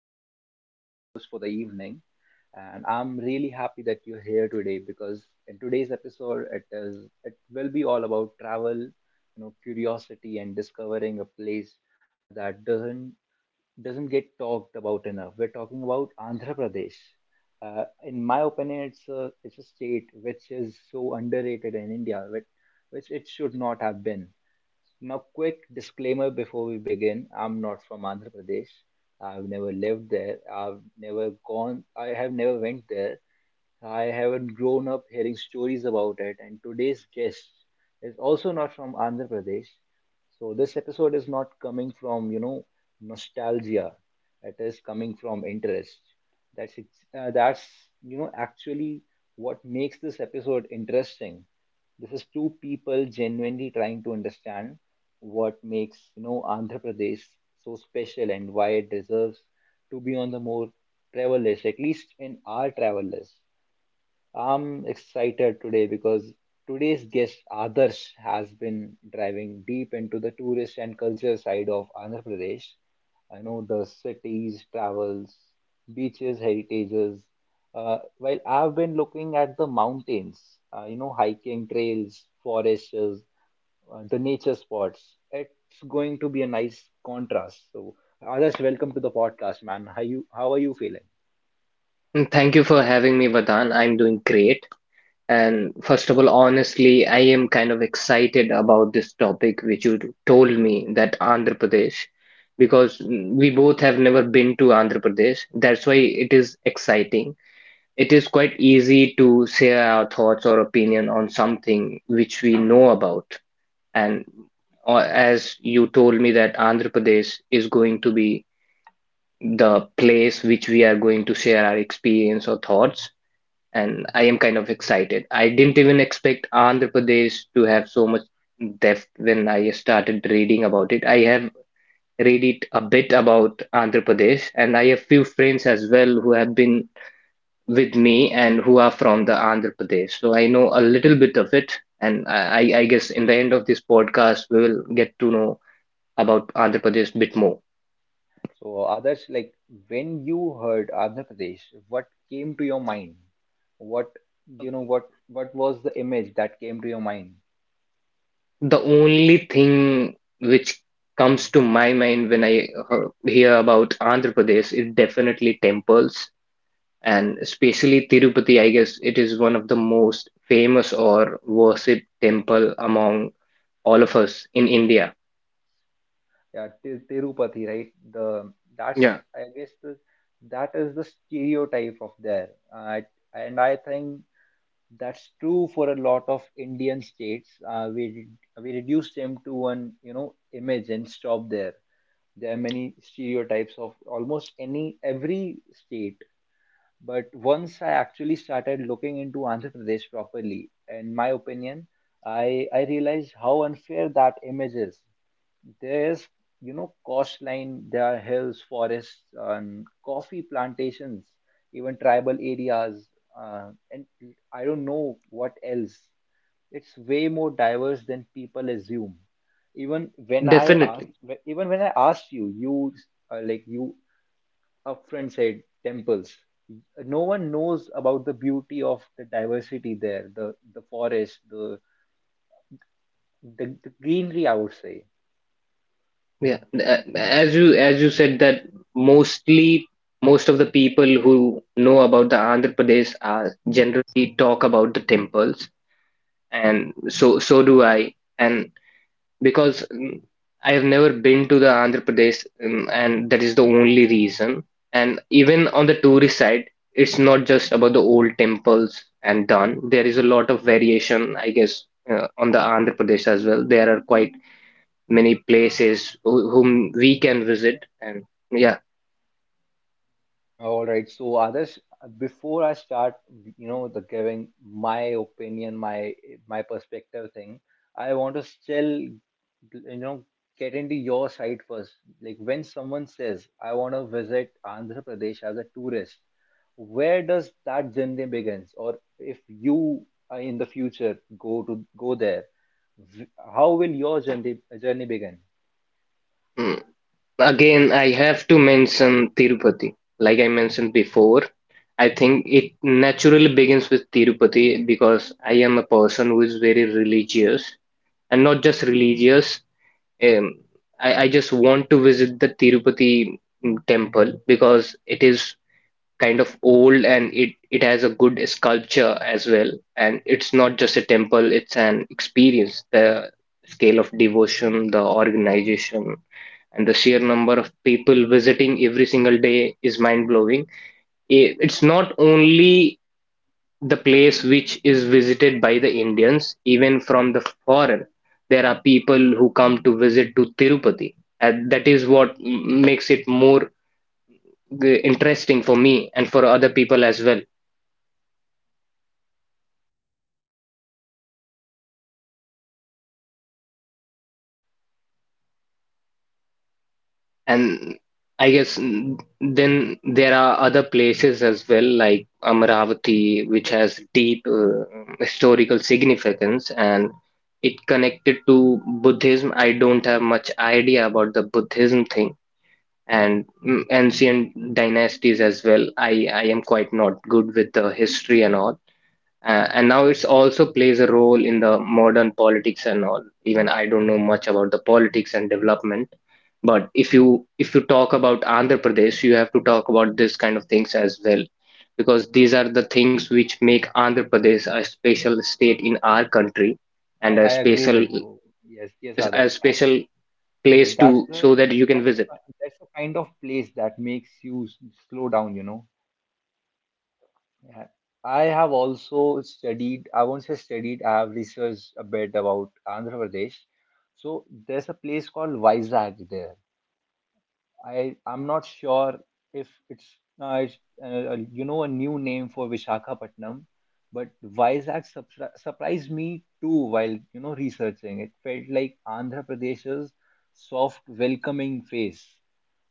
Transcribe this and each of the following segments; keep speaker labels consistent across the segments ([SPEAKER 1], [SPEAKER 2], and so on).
[SPEAKER 1] I'm Vardhan, your host for the evening, and I'm really happy that you're here today because in today's episode, it will be all about travel, you know, curiosity and discovering a place that doesn't get talked about enough. We're talking about Andhra Pradesh. In my opinion, it's a state which is so underrated in India, which it should not have been. Now, quick disclaimer before we begin. I'm not from Andhra Pradesh. I've never lived there. I've never gone. I have never went there. I haven't grown up hearing stories about it, and today's guest is also not from Andhra Pradesh. So this episode is not coming from, you know, nostalgia. It is coming from interest. That's ex- that's you know actually what makes this episode interesting. This is two people genuinely trying to understand what makes, you know, Andhra Pradesh so special and why it deserves to be on the more travel list, at least in our travel list. I'm excited today because today's guest Adarsh has been driving deep into the tourist and culture side of Andhra Pradesh. I know the cities, travels, beaches, heritages. While I've been looking at the mountains, you know, hiking trails, forests, the nature spots. It's going to be a nice contrast. So, Adarsh, welcome to the podcast, man. How you? How are you feeling?
[SPEAKER 2] Thank you for having me, Vardhan. I'm doing great. And first of all, honestly, I am kind of excited about this topic which you told me that Andhra Pradesh, because we both have never been to Andhra Pradesh. That's why it is exciting. It is quite easy to share our thoughts or opinion on something which we know about. And as you told me that Andhra Pradesh is going to be the place which we are going to share our experience or thoughts, and I am kind of excited. I didn't even expect Andhra Pradesh to have so much depth when I started reading about it. I have read it a bit about Andhra Pradesh, and I have few friends as well who have been with me and who are from the Andhra Pradesh. So I know a little bit of it, and I
[SPEAKER 1] So.
[SPEAKER 2] guess in the end of this podcast we will get to know about Andhra Pradesh a bit more.
[SPEAKER 1] So, Adarsh, like when you heard Andhra Pradesh, what came to your mind? What you know, what was the image that came to your mind?
[SPEAKER 2] The only thing which comes to my mind when I hear about Andhra Pradesh is definitely temples, and especially Tirupati. I guess it is one of the most famous or worshipped temple among all of us in India.
[SPEAKER 1] Yeah, Tirupati, right? The that's
[SPEAKER 2] Yeah,
[SPEAKER 1] I guess, the, that is the stereotype of there, and I think that's true for a lot of Indian states. We reduce them to one, you know, image and stop there. There are many stereotypes of almost any every state. But once I actually started looking into Andhra Pradesh properly, in my opinion, I realized how unfair that image is. There's, you know, coastline, there are hills, forests, and coffee plantations, even tribal areas, and I don't know what else. It's way more diverse than people assume. Even when I
[SPEAKER 2] definitely.
[SPEAKER 1] asked, Even when I asked you, uh, like you a friend said temples. No one knows about the beauty of the diversity there, the forest, the greenery, I would say.
[SPEAKER 2] Yeah. As you said that mostly most of the people who know about the Andhra Pradesh are generally talk about the temples, and so do I. And because I have never been to the Andhra Pradesh, and that is the only reason. And even on the tourist side, it's not just about the old temples and done. There is a lot of variation, I guess, on the Andhra Pradesh as well. There are quite many places whom we can visit, and yeah.
[SPEAKER 1] All right. So, Adarsh, before I start, you know, the giving my opinion, my perspective thing, I want to still, you know, get into your side first. Like when someone says, "I want to visit Andhra Pradesh as a tourist," where does that journey begins? Or if you in the future go there, v- how will your journey begin?
[SPEAKER 2] Mm. Again, I have to mention Tirupati. Like I mentioned before, I think it naturally begins with Tirupati because I am a person who is very religious and not just religious. Um, I just want to visit the Tirupati temple because it is kind of old and it has a good sculpture as well. And it's not just a temple, it's an experience. The scale of devotion, the organization, and the sheer number of people visiting every single day is mind blowing. It's not only the place which is visited by the Indians, even from the foreign. There are people who come to visit to Tirupati, and that is what makes it more interesting for me and for other people as well. And I guess then there are other places as well, like Amravati, which has deep historical significance and it connected to Buddhism. I don't have much idea about the Buddhism thing and ancient dynasties as well. I am quite not good with the history and all. And now it's also plays a role in the modern politics and all. Even I don't know much about the politics and development, but if you talk about Andhra Pradesh, you have to talk about this kind of things as well, because these are the things which make Andhra Pradesh a special state in our country and a
[SPEAKER 1] I agree
[SPEAKER 2] special
[SPEAKER 1] with you. Yes, yes,
[SPEAKER 2] a
[SPEAKER 1] Adarsh. That's
[SPEAKER 2] special place
[SPEAKER 1] Yes, that's
[SPEAKER 2] to
[SPEAKER 1] the
[SPEAKER 2] so that you can
[SPEAKER 1] that's the
[SPEAKER 2] visit.
[SPEAKER 1] that's the kind of place that makes you slow down, you know. Yeah. I have also studied, I won't say studied, I have researched a bit about Andhra Pradesh. So there's a place called Vizag there. I I'm not sure if it's you know, a new name for Visakhapatnam, but Vizag surprised me too while, you know, researching. It felt like Andhra Pradesh's soft, welcoming face.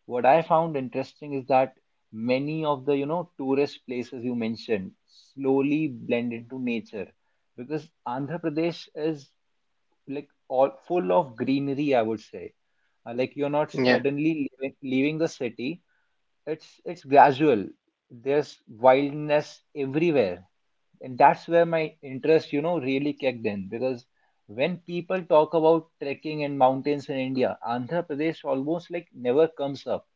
[SPEAKER 1] What I found interesting is that many of the, you know, tourist places you mentioned slowly blend into nature because Andhra Pradesh is like all full of greenery, I would say. Like you're not suddenly leaving the city. It's gradual. There's wildness everywhere, and that's where my interest, you know, really kicked in, because when people talk about trekking and mountains in India, Andhra Pradesh almost like never comes up,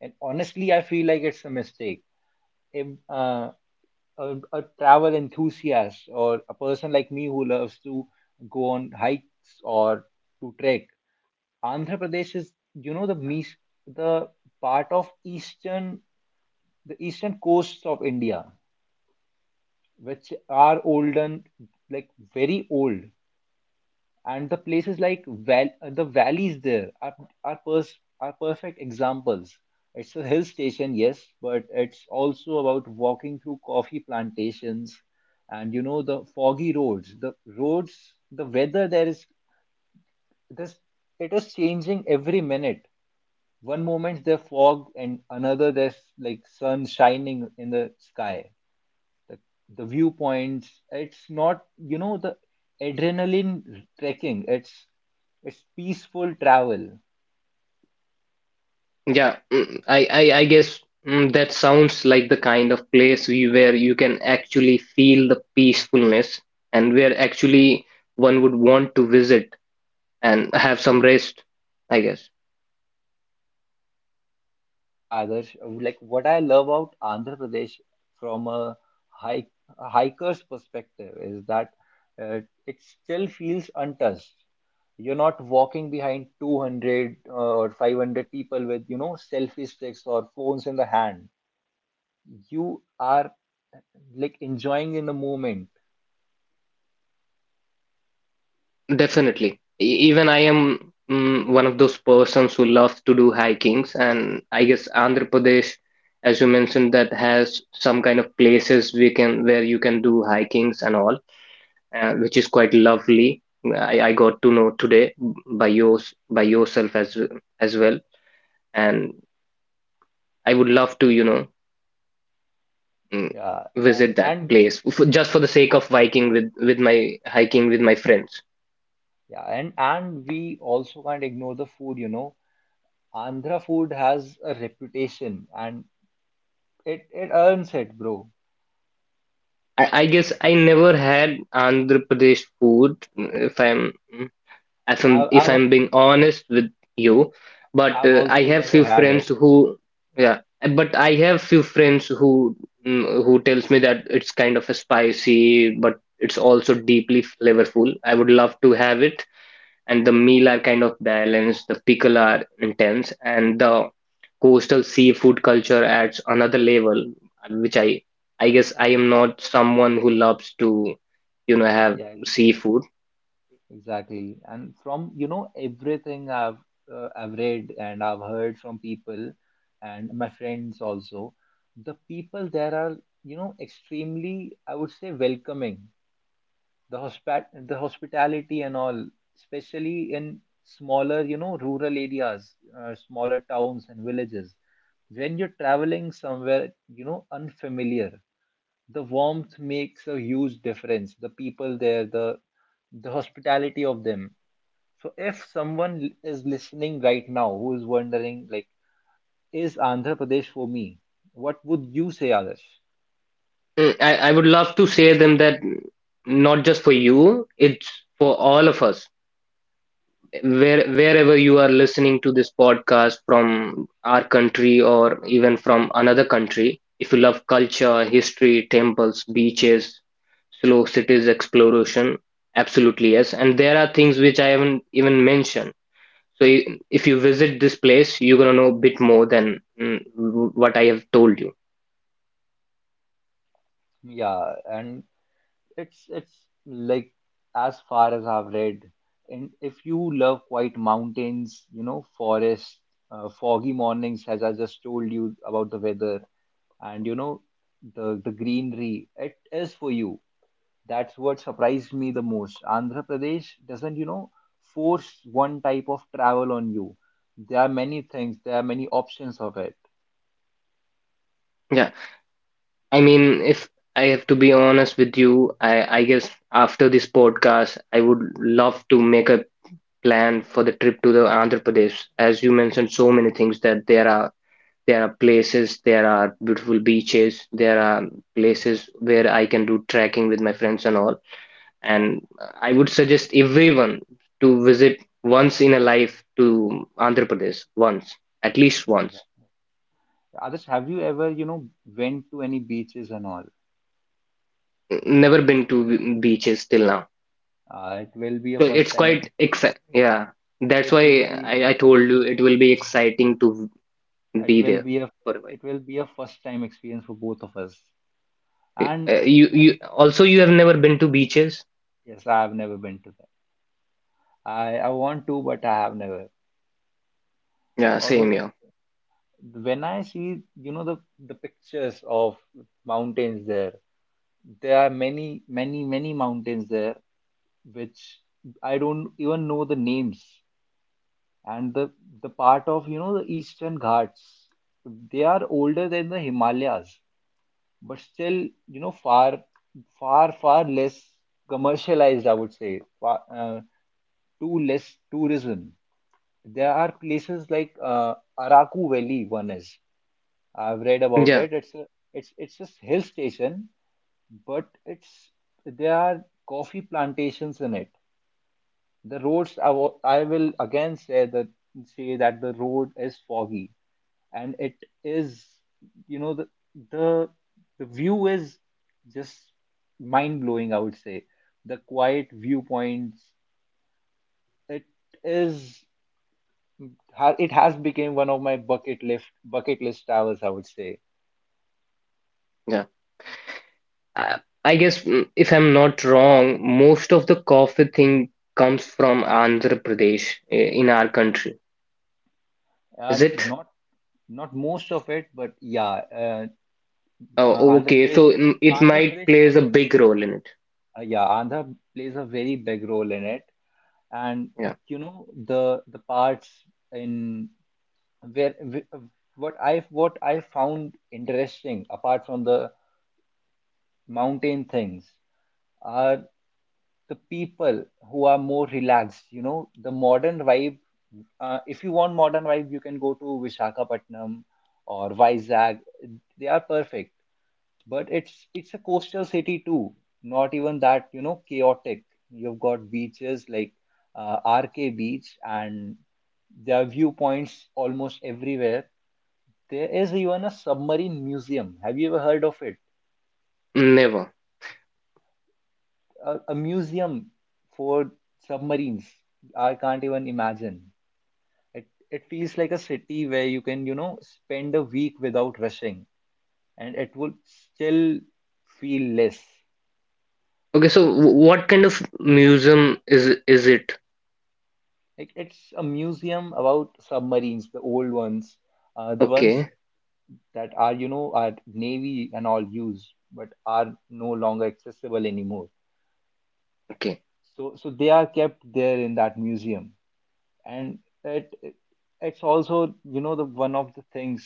[SPEAKER 1] and honestly I feel like it's a mistake. If, uh, a, a travel enthusiast or a person like me who loves to go on hikes or to trek, Andhra Pradesh is, you know, the mees the part of eastern the eastern coasts of India, which are olden, like very old, and the places like the valleys there are, are perfect examples. It's a hill station, yes, but it's also about walking through coffee plantations and, you know, the foggy roads. The roads, the weather there is this, it is changing every minute. One moment there's fog and another there's like sun shining in the sky, the, the viewpoints. It's not, you know, the adrenaline trekking. It's peaceful travel.
[SPEAKER 2] Yeah, I guess that sounds like the kind of place we where you can actually feel the peacefulness and where actually one would want to visit and have some rest, I guess.
[SPEAKER 1] Yeah, yeah. Adarsh. Like what I love about Andhra Pradesh from hike a hiker's perspective is that uh, it still feels untouched. You're not walking behind 200 or 500 people with, you know, selfie sticks or phones in the hand. You are like enjoying in the moment.
[SPEAKER 2] Definitely. Even I am one of those persons who love to do hikings, and I guess Andhra Pradesh, as you mentioned, that has some kind of places we can where you can do hikings and all. Which is quite lovely. I got to know today by yourself as well, and I would love to you know mm,
[SPEAKER 1] Yeah, and
[SPEAKER 2] visit that
[SPEAKER 1] and
[SPEAKER 2] place f just for the sake of hiking with my friends.
[SPEAKER 1] Yeah, and we also can't ignore the food, you know. Andhra food has a reputation and it earns it, bro.
[SPEAKER 2] I guess I never had Andhra Pradesh food,
[SPEAKER 1] I,
[SPEAKER 2] if
[SPEAKER 1] I've
[SPEAKER 2] I'm being honest with you, but
[SPEAKER 1] I've
[SPEAKER 2] I
[SPEAKER 1] also
[SPEAKER 2] have
[SPEAKER 1] never
[SPEAKER 2] few
[SPEAKER 1] had it.
[SPEAKER 2] friends who yeah, but I have few friends who mm, who tells me that it's kind of a spicy, but it's also deeply flavorful. I would love to have it, and the meal are kind of balanced, the pickle are intense, and the coastal seafood culture adds another level, which I guess I am not someone who loves to you know have
[SPEAKER 1] Yeah,
[SPEAKER 2] seafood.
[SPEAKER 1] exactly. And from, you know, everything I've read and I've heard from people and my friends also, the people there are, you know, extremely, I would say, welcoming. The hospitality and all, especially in smaller, you know, rural areas, smaller towns and villages. When you're traveling somewhere, you know, unfamiliar, the warmth makes a huge difference. The people there, the hospitality of them. So if someone is listening right now who is wondering like, is Andhra Pradesh for me? What would you say, Adarsh?
[SPEAKER 2] I would love to say them that not just for you, it's for all of us. Where, wherever you are listening to this podcast from our country or even from another country, if you love culture, history, temples, beaches, slow cities exploration, absolutely yes. And there are things which I haven't even mentioned. So if you visit this place, you're gonna know a bit more than what I have told you.
[SPEAKER 1] Yeah, and it's like, as far as I've read, and if you love quiet mountains, you know, forests, foggy mornings, as I just told you about the weather, and, you know, the greenery, it is for you. That's what surprised me the most. Andhra Pradesh doesn't, you know, force one type of travel on you. There are many things, there are many options of it.
[SPEAKER 2] Yeah. I mean, if I have to be honest with you, I guess after this podcast, I would love to make a plan for the trip to the Andhra Pradesh. As you mentioned, so many things that there are places, there are beautiful beaches, there are places where I can do trekking with my friends and all.
[SPEAKER 1] Yeah,
[SPEAKER 2] And I would suggest everyone to visit once in a life to Andhra Pradesh, once, at least
[SPEAKER 1] yeah,
[SPEAKER 2] once.
[SPEAKER 1] exactly. Others, have you ever, you know, went to any beaches and all?
[SPEAKER 2] Never been to beaches till now.
[SPEAKER 1] It will be a
[SPEAKER 2] So
[SPEAKER 1] first
[SPEAKER 2] it's
[SPEAKER 1] time. Of-
[SPEAKER 2] quite exciting. Yeah, that's
[SPEAKER 1] It will
[SPEAKER 2] why
[SPEAKER 1] be,
[SPEAKER 2] I told
[SPEAKER 1] yes,
[SPEAKER 2] you it will be exciting to
[SPEAKER 1] it
[SPEAKER 2] be
[SPEAKER 1] will
[SPEAKER 2] there
[SPEAKER 1] be a
[SPEAKER 2] for a while.
[SPEAKER 1] it will be a first time experience for both of us. And
[SPEAKER 2] You
[SPEAKER 1] and
[SPEAKER 2] you also you have never been to beaches?
[SPEAKER 1] yes, I have never been to that. I want to, but I have never.
[SPEAKER 2] Yeah,
[SPEAKER 1] Also,
[SPEAKER 2] same
[SPEAKER 1] the
[SPEAKER 2] here.
[SPEAKER 1] when I see, you know, the pictures of mountains there, there are many many many mountains there which I don't even know the names. And the part of, you know, the Eastern Ghats, they are older than the Himalayas, but still, you know, far, far, far less commercialized, I would say, far, too less tourism. There are places like Araku Valley, one is. I've read about
[SPEAKER 2] Yeah,
[SPEAKER 1] it. It's a hill station, but it's there are coffee plantations in it. The roads, I I will again say that the road is foggy, and it is, you know, the the view is just mind blowing, I would say. The quiet viewpoints, it is it has become one of my bucket list travels, I would say.
[SPEAKER 2] yeah. I, I guess if I'm not wrong, most of the coffee thing comes from Andhra Pradesh i- in our country. Is
[SPEAKER 1] And
[SPEAKER 2] it?
[SPEAKER 1] not not most of it, but yeah. uh, uh,
[SPEAKER 2] Oh,
[SPEAKER 1] andhra
[SPEAKER 2] okay.
[SPEAKER 1] pradesh
[SPEAKER 2] So it
[SPEAKER 1] andhra
[SPEAKER 2] might
[SPEAKER 1] pradesh
[SPEAKER 2] plays a big role in it.
[SPEAKER 1] yeah andhra, plays a very big role in it. And,
[SPEAKER 2] Yeah,
[SPEAKER 1] you know, the parts in where wh- what I found interesting apart from the mountain things are the people, who are more relaxed. You know, the modern vibe. If you want modern vibe, you can go to Vishakhapatnam or Vizag. They are perfect, but it's a coastal city too. Not even that, you know, chaotic. You've got beaches like uh, RK Beach, and there are viewpoints almost everywhere. There is even a submarine museum. Have you ever heard of it?
[SPEAKER 2] never.
[SPEAKER 1] A museum for submarines. I can't even imagine. It feels like a city where you can, you know, spend a week without rushing, and it would still feel less.
[SPEAKER 2] Okay, so what kind of museum is it?
[SPEAKER 1] Like it's a museum about submarines, the old ones, the ones
[SPEAKER 2] Okay.
[SPEAKER 1] that are, you know, are navy and all used, but are no longer accessible anymore. So so they are kept there in that museum, and it's also, you know, the one of the things,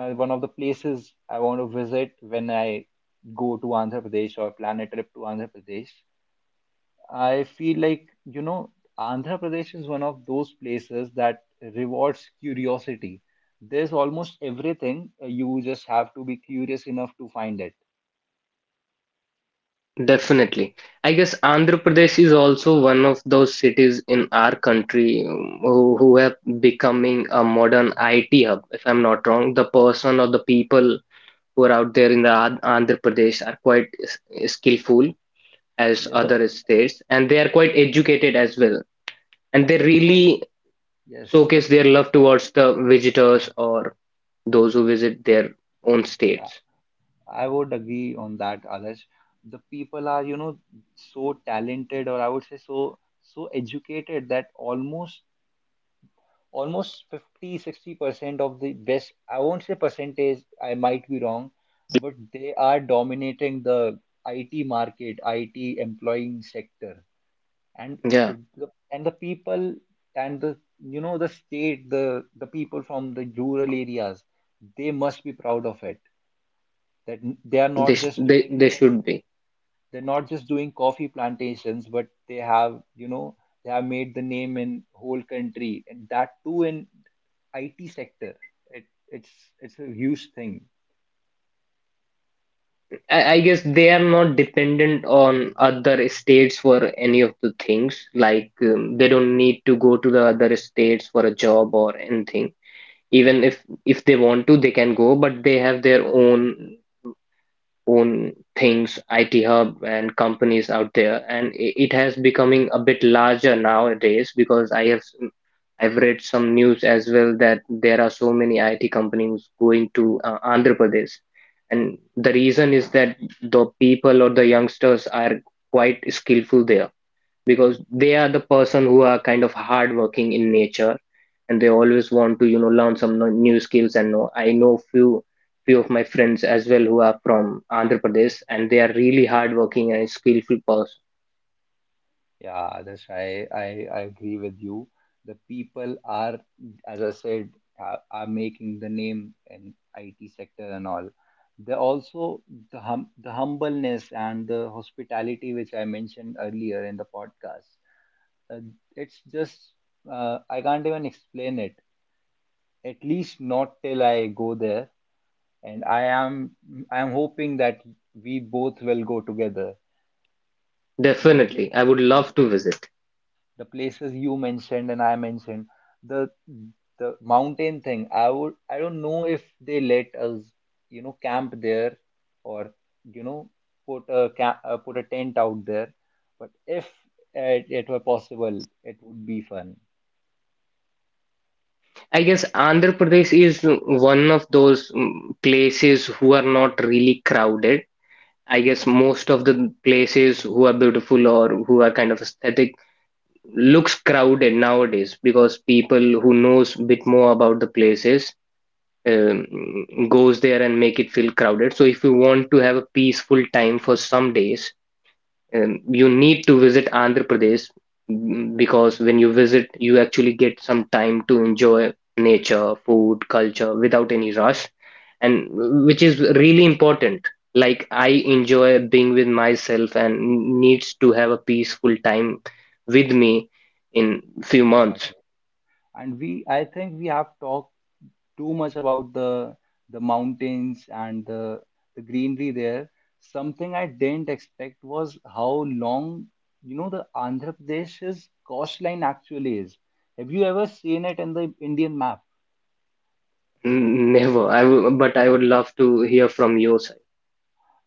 [SPEAKER 1] one of the places I want to visit when I go to Andhra Pradesh or plan a trip to Andhra Pradesh. I feel like, you know, Andhra Pradesh is one of those places that rewards curiosity. There's almost everything. You just have to be curious enough to find it.
[SPEAKER 2] Definitely. I guess Andhra Pradesh is also one of those cities in our country who have becoming a modern IT hub, if I'm not wrong. The person or the people who are out there in the Andhra Pradesh are quite skillful as
[SPEAKER 1] Yeah,
[SPEAKER 2] other states, and they are quite educated as well. And
[SPEAKER 1] the
[SPEAKER 2] they
[SPEAKER 1] people,
[SPEAKER 2] really
[SPEAKER 1] yes, the
[SPEAKER 2] showcase their
[SPEAKER 1] people.
[SPEAKER 2] love towards the visitors or those who visit their own states.
[SPEAKER 1] I would agree on that, Adarsh. The people are, you know, so talented, or I would say so so educated, that almost 50, 60% of the best I won't say percentage, I might be wrong, but they are dominating the IT market, IT employing sector. And
[SPEAKER 2] Yeah,
[SPEAKER 1] the people and the the state, the people from the rural areas, they must be proud of it. That n- they are not just doing.
[SPEAKER 2] they should be.
[SPEAKER 1] They're not just doing coffee plantations, but they have, they have made the name in whole country, and that too in IT sector. It's it's a huge thing.
[SPEAKER 2] I guess they are not dependent on other states for any of the things. Like they don't need to go to the other states for a job or anything. Even if they want to, they can go, but they have their own own things, IT hub and companies out there, and it has becoming a bit larger nowadays because I have I I've read some news as well that there are so many IT companies going to Andhra Pradesh, and the reason is that the people or the youngsters are quite skillful there because they are the person who are kind of hardworking in nature and they always want to you know learn some new skills and know I know few of my friends as well who are from Andhra Pradesh and they are really hardworking and skillful person.
[SPEAKER 1] Yeah, I agree with you. The people are, as I said, are making the name in IT sector and all. They also the humbleness and the hospitality which I mentioned earlier in the podcast. Uh, it's just I can't even explain it. At least not till I go there. And I am hoping that we both will go together. The pla
[SPEAKER 2] Definitely, I would
[SPEAKER 1] the,
[SPEAKER 2] love to visit.
[SPEAKER 1] the places you mentioned and I mentioned the mountain thing. I don't know if they let us camp there or you know put a tent out there. But if it were possible, it would be fun.
[SPEAKER 2] I guess Andhra Pradesh is one of those places who are not really crowded. I guess most of the places who are beautiful or who are kind of aesthetic looks crowded nowadays because people who knows bit more about the places um, goes there and make it feel crowded. So if you want to have a peaceful time for some days, and you need to visit Andhra Pradesh because when you visit, you actually get some time to enjoy nature, food, culture without any rush, and which is really important. Like I enjoy being with myself and needs to have a peaceful time with me in few months.
[SPEAKER 1] Exactly. And I think we have talked too much about the mountains and the greenery there. Something I didn't expect was how long, the Andhra Pradesh's coastline actually is. Have you ever seen it in the Indian map?
[SPEAKER 2] Never. I w But I would love to hear from your side.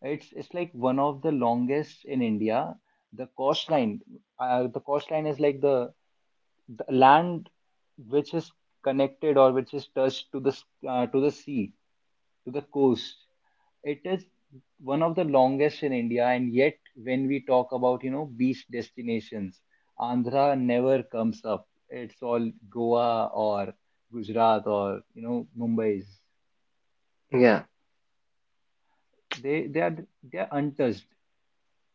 [SPEAKER 1] It's like one of the longest in India. The coastline, the coastline is like the land which is connected or which is touched to to the sea to the coast. It is one of the longest in India, and yet when we talk about beach destinations, Andhra never comes up. It's all Goa or Gujarat or Mumbai's.
[SPEAKER 2] Yeah.
[SPEAKER 1] They they are they are untouched.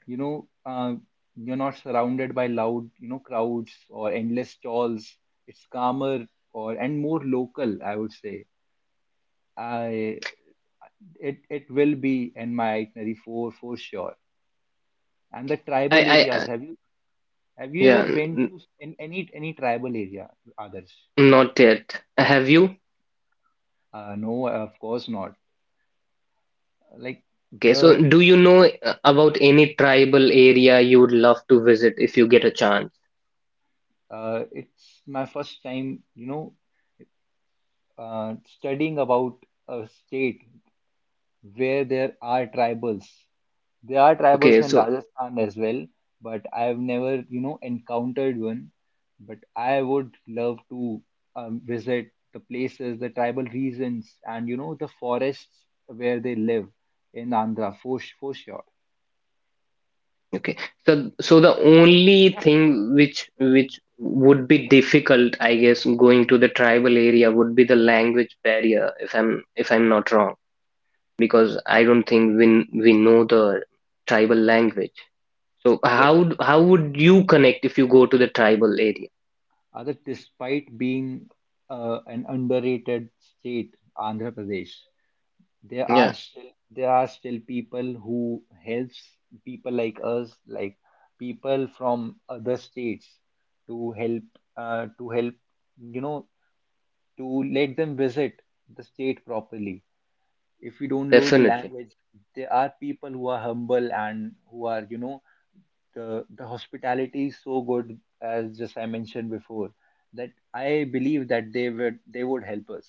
[SPEAKER 1] You know uh, you're not surrounded by loud crowds or endless stalls. It's calmer or and more local, I would say. I it will be in my itinerary for sure. And the tribal areas,
[SPEAKER 2] I
[SPEAKER 1] have you ever
[SPEAKER 2] Yeah,
[SPEAKER 1] went
[SPEAKER 2] n-
[SPEAKER 1] to in any tribal area, others?
[SPEAKER 2] not yet. Have you?
[SPEAKER 1] No, of course not. Like
[SPEAKER 2] Okay, so
[SPEAKER 1] the
[SPEAKER 2] do you know about any tribal area you would love to visit if you get a chance?
[SPEAKER 1] It's my first time uh, studying about a state where there are tribals. There are tribals
[SPEAKER 2] Okay,
[SPEAKER 1] in
[SPEAKER 2] so
[SPEAKER 1] Rajasthan as well, but I've never, you know, encountered one. But I would love to visit the places, the tribal regions, and, you know, the forests where they live in Andhra for, for sure.
[SPEAKER 2] okay, so the only thing which would be difficult, I guess, going to the tribal area would be the language barrier, if I'm not wrong, because I don't think we know the tribal language. So
[SPEAKER 1] Others,
[SPEAKER 2] how how would you connect if you go to the tribal area?
[SPEAKER 1] other, despite being an underrated state, Andhra Pradesh,
[SPEAKER 2] Yeah,
[SPEAKER 1] there are still people who helps people like us, like people from other states, to help to help, you know to let them visit the state properly if you don't know the
[SPEAKER 2] definitely.
[SPEAKER 1] language. There are people who are humble and who are, you know, the hospitality is so good, as just I mentioned before, that I believe that they would help us.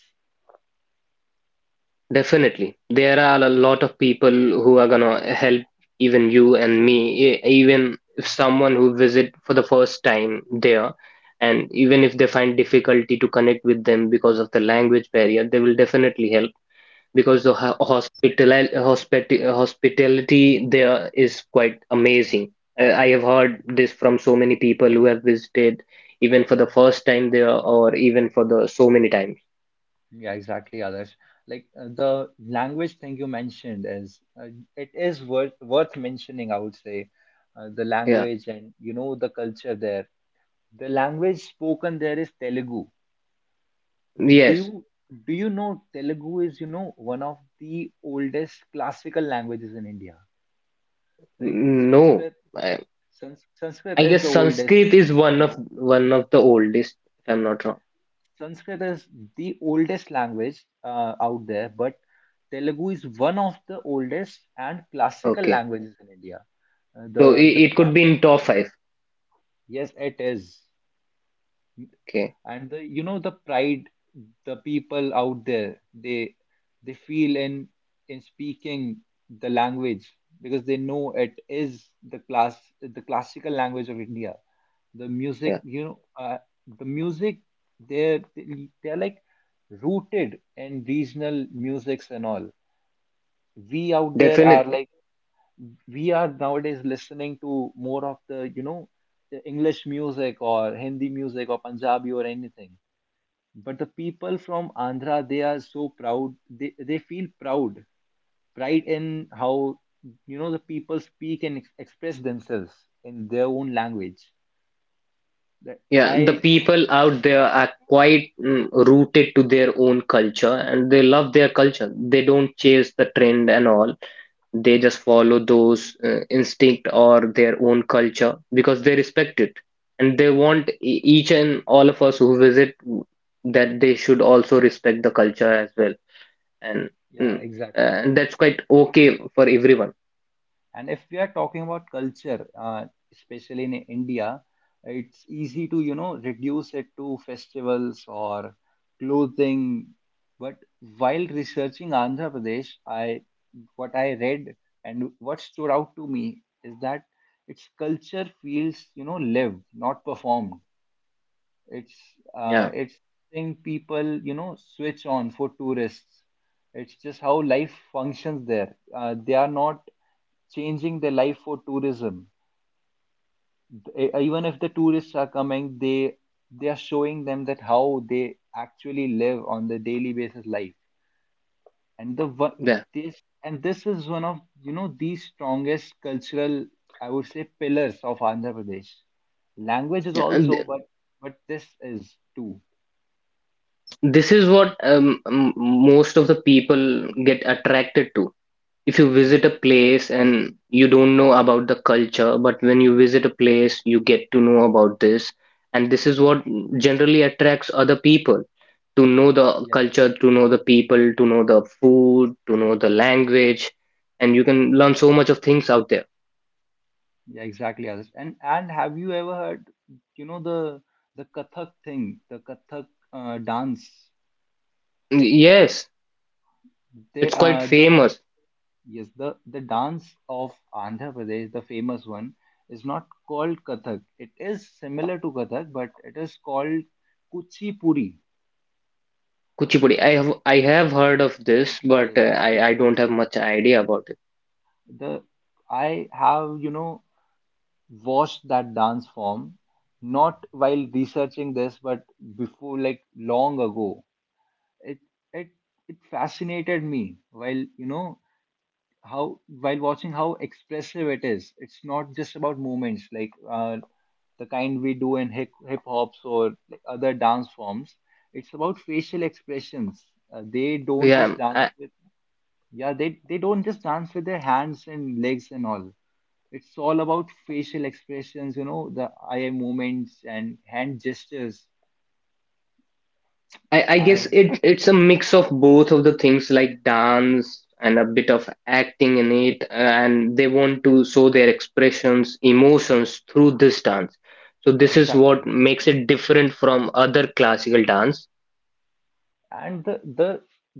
[SPEAKER 2] Definitely. There are a lot of people who are gonna help even you and me, even if someone who visit for the first time there, and even if they find difficulty to connect with them because of the language barrier, they will definitely help because the hospitality there is quite amazing. I have heard this from so many people who have visited even for the first time there or even for the so many times.
[SPEAKER 1] Yeah, exactly, Adarsh. Like the language thing you mentioned is it is worth mentioning, I would say. The
[SPEAKER 2] Yeah.
[SPEAKER 1] language and, you know, the culture there. The language spoken there is Telugu. Do
[SPEAKER 2] Yes.
[SPEAKER 1] you know Telugu is, you know, one of the oldest classical languages in India. Like
[SPEAKER 2] No.
[SPEAKER 1] Sanskrit, Sanskrit
[SPEAKER 2] I
[SPEAKER 1] is
[SPEAKER 2] guess
[SPEAKER 1] the oldest,
[SPEAKER 2] Sanskrit is
[SPEAKER 1] you
[SPEAKER 2] one of
[SPEAKER 1] know.
[SPEAKER 2] the oldest, if I'm not wrong.
[SPEAKER 1] Sanskrit is the oldest language out there, but Telugu is one of the oldest and classical
[SPEAKER 2] Okay.
[SPEAKER 1] languages in India. Uh, the
[SPEAKER 2] So it,
[SPEAKER 1] the
[SPEAKER 2] it
[SPEAKER 1] cla
[SPEAKER 2] could be in top five.
[SPEAKER 1] Yes, it is.
[SPEAKER 2] Okay.
[SPEAKER 1] And, the you know, the pride the people out there, they feel in speaking the language, because they know it is the classical language of India. The music,
[SPEAKER 2] Yeah.
[SPEAKER 1] you know, the music, they're they're like rooted in regional musics and all. We out there are
[SPEAKER 2] Definitely.
[SPEAKER 1] like, we are nowadays listening to more of the, you know, the english music or hindi music or punjabi or anything. But the people from Andhra, they are so proud, they feel proud pride in how, you know, the people speak and express themselves in their own language, that
[SPEAKER 2] Yeah. The
[SPEAKER 1] I
[SPEAKER 2] people out there are quite rooted to their own culture and they love their culture. They don't chase the trend and all. They just follow those instinct or their own culture because they respect it. And they want each and all of us who visit that they should also respect the culture as well and
[SPEAKER 1] yeah
[SPEAKER 2] mm,
[SPEAKER 1] exactly.
[SPEAKER 2] that's quite okay for everyone.
[SPEAKER 1] And if we are talking about culture, especially in India, it's easy to, you know, reduce it to festivals or clothing. But while researching Andhra Pradesh, I what I read and what stood out to me is that its culture feels, you know, lived, not performed. It's
[SPEAKER 2] Yeah,
[SPEAKER 1] it's thing people, you know, switch on for tourists. It's just how life functions there. They are not changing their life for tourism. Even if the tourists are coming, they are showing them that how they actually live on the daily basis life. And the wo-
[SPEAKER 2] yeah,
[SPEAKER 1] this and this is one of, you know, the strongest cultural, I would say, pillars of Andhra Pradesh. Language is
[SPEAKER 2] yeah. and
[SPEAKER 1] also,
[SPEAKER 2] th-
[SPEAKER 1] but this is too.
[SPEAKER 2] this is what most of the people get attracted to. If you visit a
[SPEAKER 1] Yes,
[SPEAKER 2] place and you don't know about the culture, but when you visit a place you get to know about this, and this is what generally attracts other people to know the
[SPEAKER 1] yes.
[SPEAKER 2] culture, to know the people, to know the food, to know the language, and you can learn
[SPEAKER 1] Yeah,
[SPEAKER 2] so much of things out there.
[SPEAKER 1] yeah, exactly, Adarsh. And have you ever heard, you know, the Kathak thing, the Kathak dance?
[SPEAKER 2] Yes,
[SPEAKER 1] They
[SPEAKER 2] it's quite
[SPEAKER 1] the
[SPEAKER 2] famous.
[SPEAKER 1] Yes, the dance of Andhra Pradesh, the famous one, is not called Kathak. It is similar to Kathak, but it is called Kuchipudi.
[SPEAKER 2] Kuchipudi. I have heard of this, but
[SPEAKER 1] Yes,
[SPEAKER 2] I don't
[SPEAKER 1] Kuchipudi.
[SPEAKER 2] have much idea about it.
[SPEAKER 1] The I have, you know, watched that dance form, not while researching this, but before, like long ago. it it it fascinated me while, you know, how while watching how expressive it is. It's not just about movements like the kind we do in hip hops or like other dance forms. It's about facial expressions. Uh, they don't
[SPEAKER 2] Yeah,
[SPEAKER 1] just dance
[SPEAKER 2] I
[SPEAKER 1] with yeah, they don't just dance with their hands and legs and all. It's all about facial expressions, you know, the eye movements and hand gestures.
[SPEAKER 2] I I guess
[SPEAKER 1] I
[SPEAKER 2] it's a mix of both of the things, like dance and a bit of acting in it, and they want to show their expressions, emotions through this dance. So
[SPEAKER 1] yeah
[SPEAKER 2] this is
[SPEAKER 1] exactly.
[SPEAKER 2] what makes it different from other classical dance.
[SPEAKER 1] And the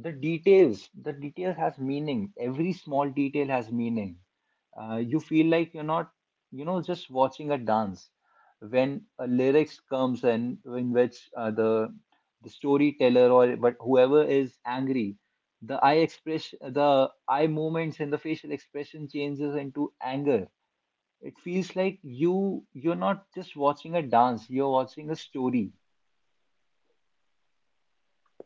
[SPEAKER 1] the details, the details has meaning, every small detail has meaning. Uh, you feel like you're not, you know, just watching a dance. When a lyrics comes in which, the storyteller or but whoever is angry, the eye movements and the facial expression changes into anger. It feels like you're not just watching a dance, you're watching a story.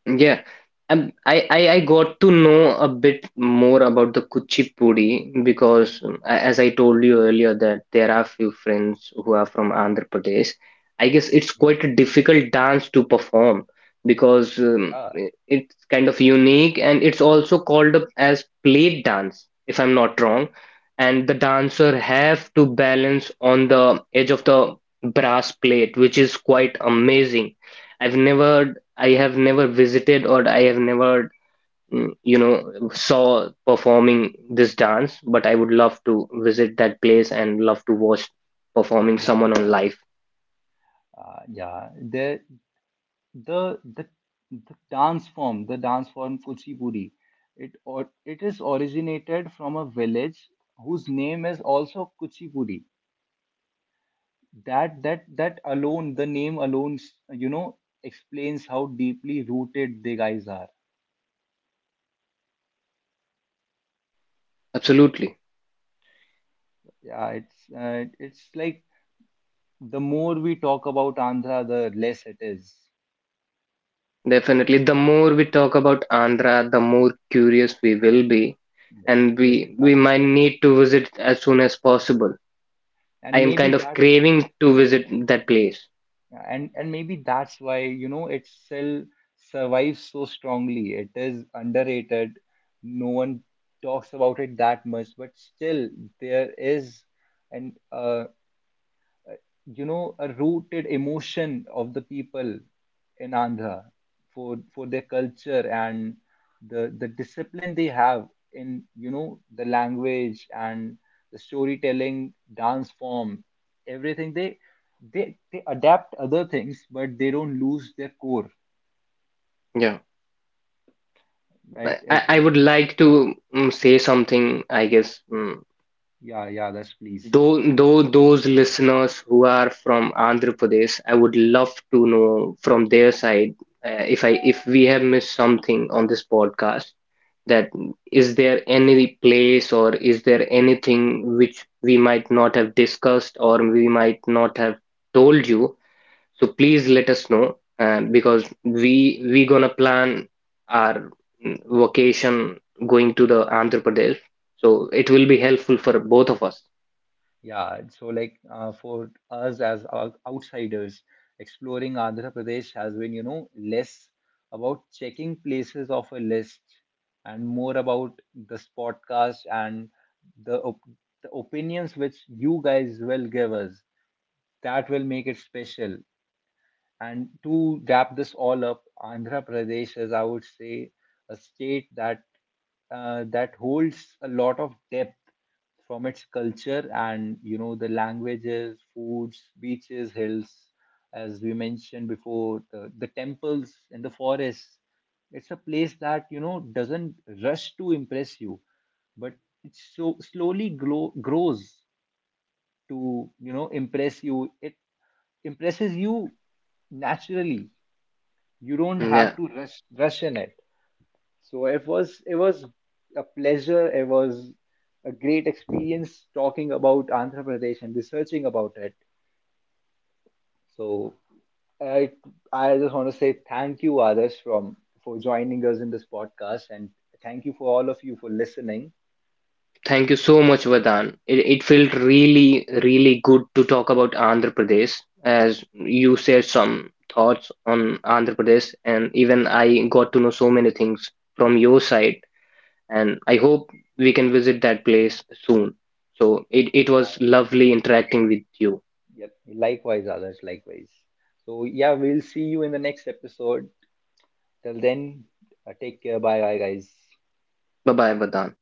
[SPEAKER 2] Yeah, I, I got to know a bit more about the Kuchipudi because, as I told you earlier, that there are few friends who are from Andhra Pradesh. I guess it's
[SPEAKER 1] Yes.
[SPEAKER 2] quite a difficult dance to perform because
[SPEAKER 1] Yeah,
[SPEAKER 2] it's kind of unique, and it's also called up as plate dance, if I'm not wrong. And the dancer have to balance on the edge of the brass plate, which is quite amazing. I've never I have never visited, or I have never, you know, saw performing this dance, but I would love to visit that place and love to watch performing someone
[SPEAKER 1] exactly.
[SPEAKER 2] on
[SPEAKER 1] Yeah.
[SPEAKER 2] live.
[SPEAKER 1] Yeah, the the the dance form Kuchipudi, it or it is originated from a village whose name is also Kuchipudi. That alone, the name alone, you know, explains how deeply rooted the guys are.
[SPEAKER 2] Absolutely.
[SPEAKER 1] Yeah, it's like the more we talk about Andhra, the less it is.
[SPEAKER 2] Definitely. The more we talk about Andhra, the more curious we will be,
[SPEAKER 1] Yes,
[SPEAKER 2] and
[SPEAKER 1] yes,
[SPEAKER 2] we
[SPEAKER 1] exactly.
[SPEAKER 2] might need to visit as soon as possible. I
[SPEAKER 1] And
[SPEAKER 2] am
[SPEAKER 1] maybe
[SPEAKER 2] kind of
[SPEAKER 1] that's
[SPEAKER 2] craving to visit that place.
[SPEAKER 1] Yeah, and maybe that's why, you know, it still survives so strongly. It is underrated. No one talks about it that much, but still there is an you know a rooted emotion of the people in Andhra for their culture and the discipline they have in, you know, the language and the storytelling dance form, everything. They adapt other things but they don't lose their core
[SPEAKER 2] Yeah.
[SPEAKER 1] right
[SPEAKER 2] I, I
[SPEAKER 1] at
[SPEAKER 2] I
[SPEAKER 1] what.
[SPEAKER 2] would like to say something, I guess.
[SPEAKER 1] Yeah, yeah, that's please.
[SPEAKER 2] Though those listeners who are from Andhra Pradesh, I would love to know from their side if we have missed something on this podcast. That is there any place, or is there anything which we might not have discussed or we might not have told you? So please let us know, because we gonna plan our mm, vacation going to the Andhra Pradesh. So it will be helpful for both of us.
[SPEAKER 1] Yeah, so like, for us as outsiders, exploring Andhra Pradesh has been, you know, less about checking places off a list and more about this podcast and the, op the opinions which you guys will give us. That will make it special. And to wrap this all up, Andhra Pradesh is, I would say, a state that that holds a lot of depth from its culture and, you know, the languages, foods, beaches, hills, as we mentioned before, the temples and the forests. It's a place that, you know, doesn't rush to impress you, but it so slowly grows to, you know, impress you. It impresses you naturally. You don't have
[SPEAKER 2] Yeah.
[SPEAKER 1] to rush in it. So it was a pleasure, it was a great experience talking about Andhra Pradesh and researching about it. So I just want to say thank you, others, from for joining us in this podcast, and thank you for all of you for listening.
[SPEAKER 2] Thank you so much, Vardhan. It felt really, really good to talk about Andhra Pradesh as you shared some thoughts on Andhra Pradesh, and even I got to know so many things from your side, and I hope we can visit that place soon. So
[SPEAKER 1] Like-
[SPEAKER 2] it was lovely interacting with you.
[SPEAKER 1] yeah, likewise, others, likewise. So yeah, we'll see you in the next episode. Till then, take care. Bye bye, guys.
[SPEAKER 2] Bye bye, Vardhan.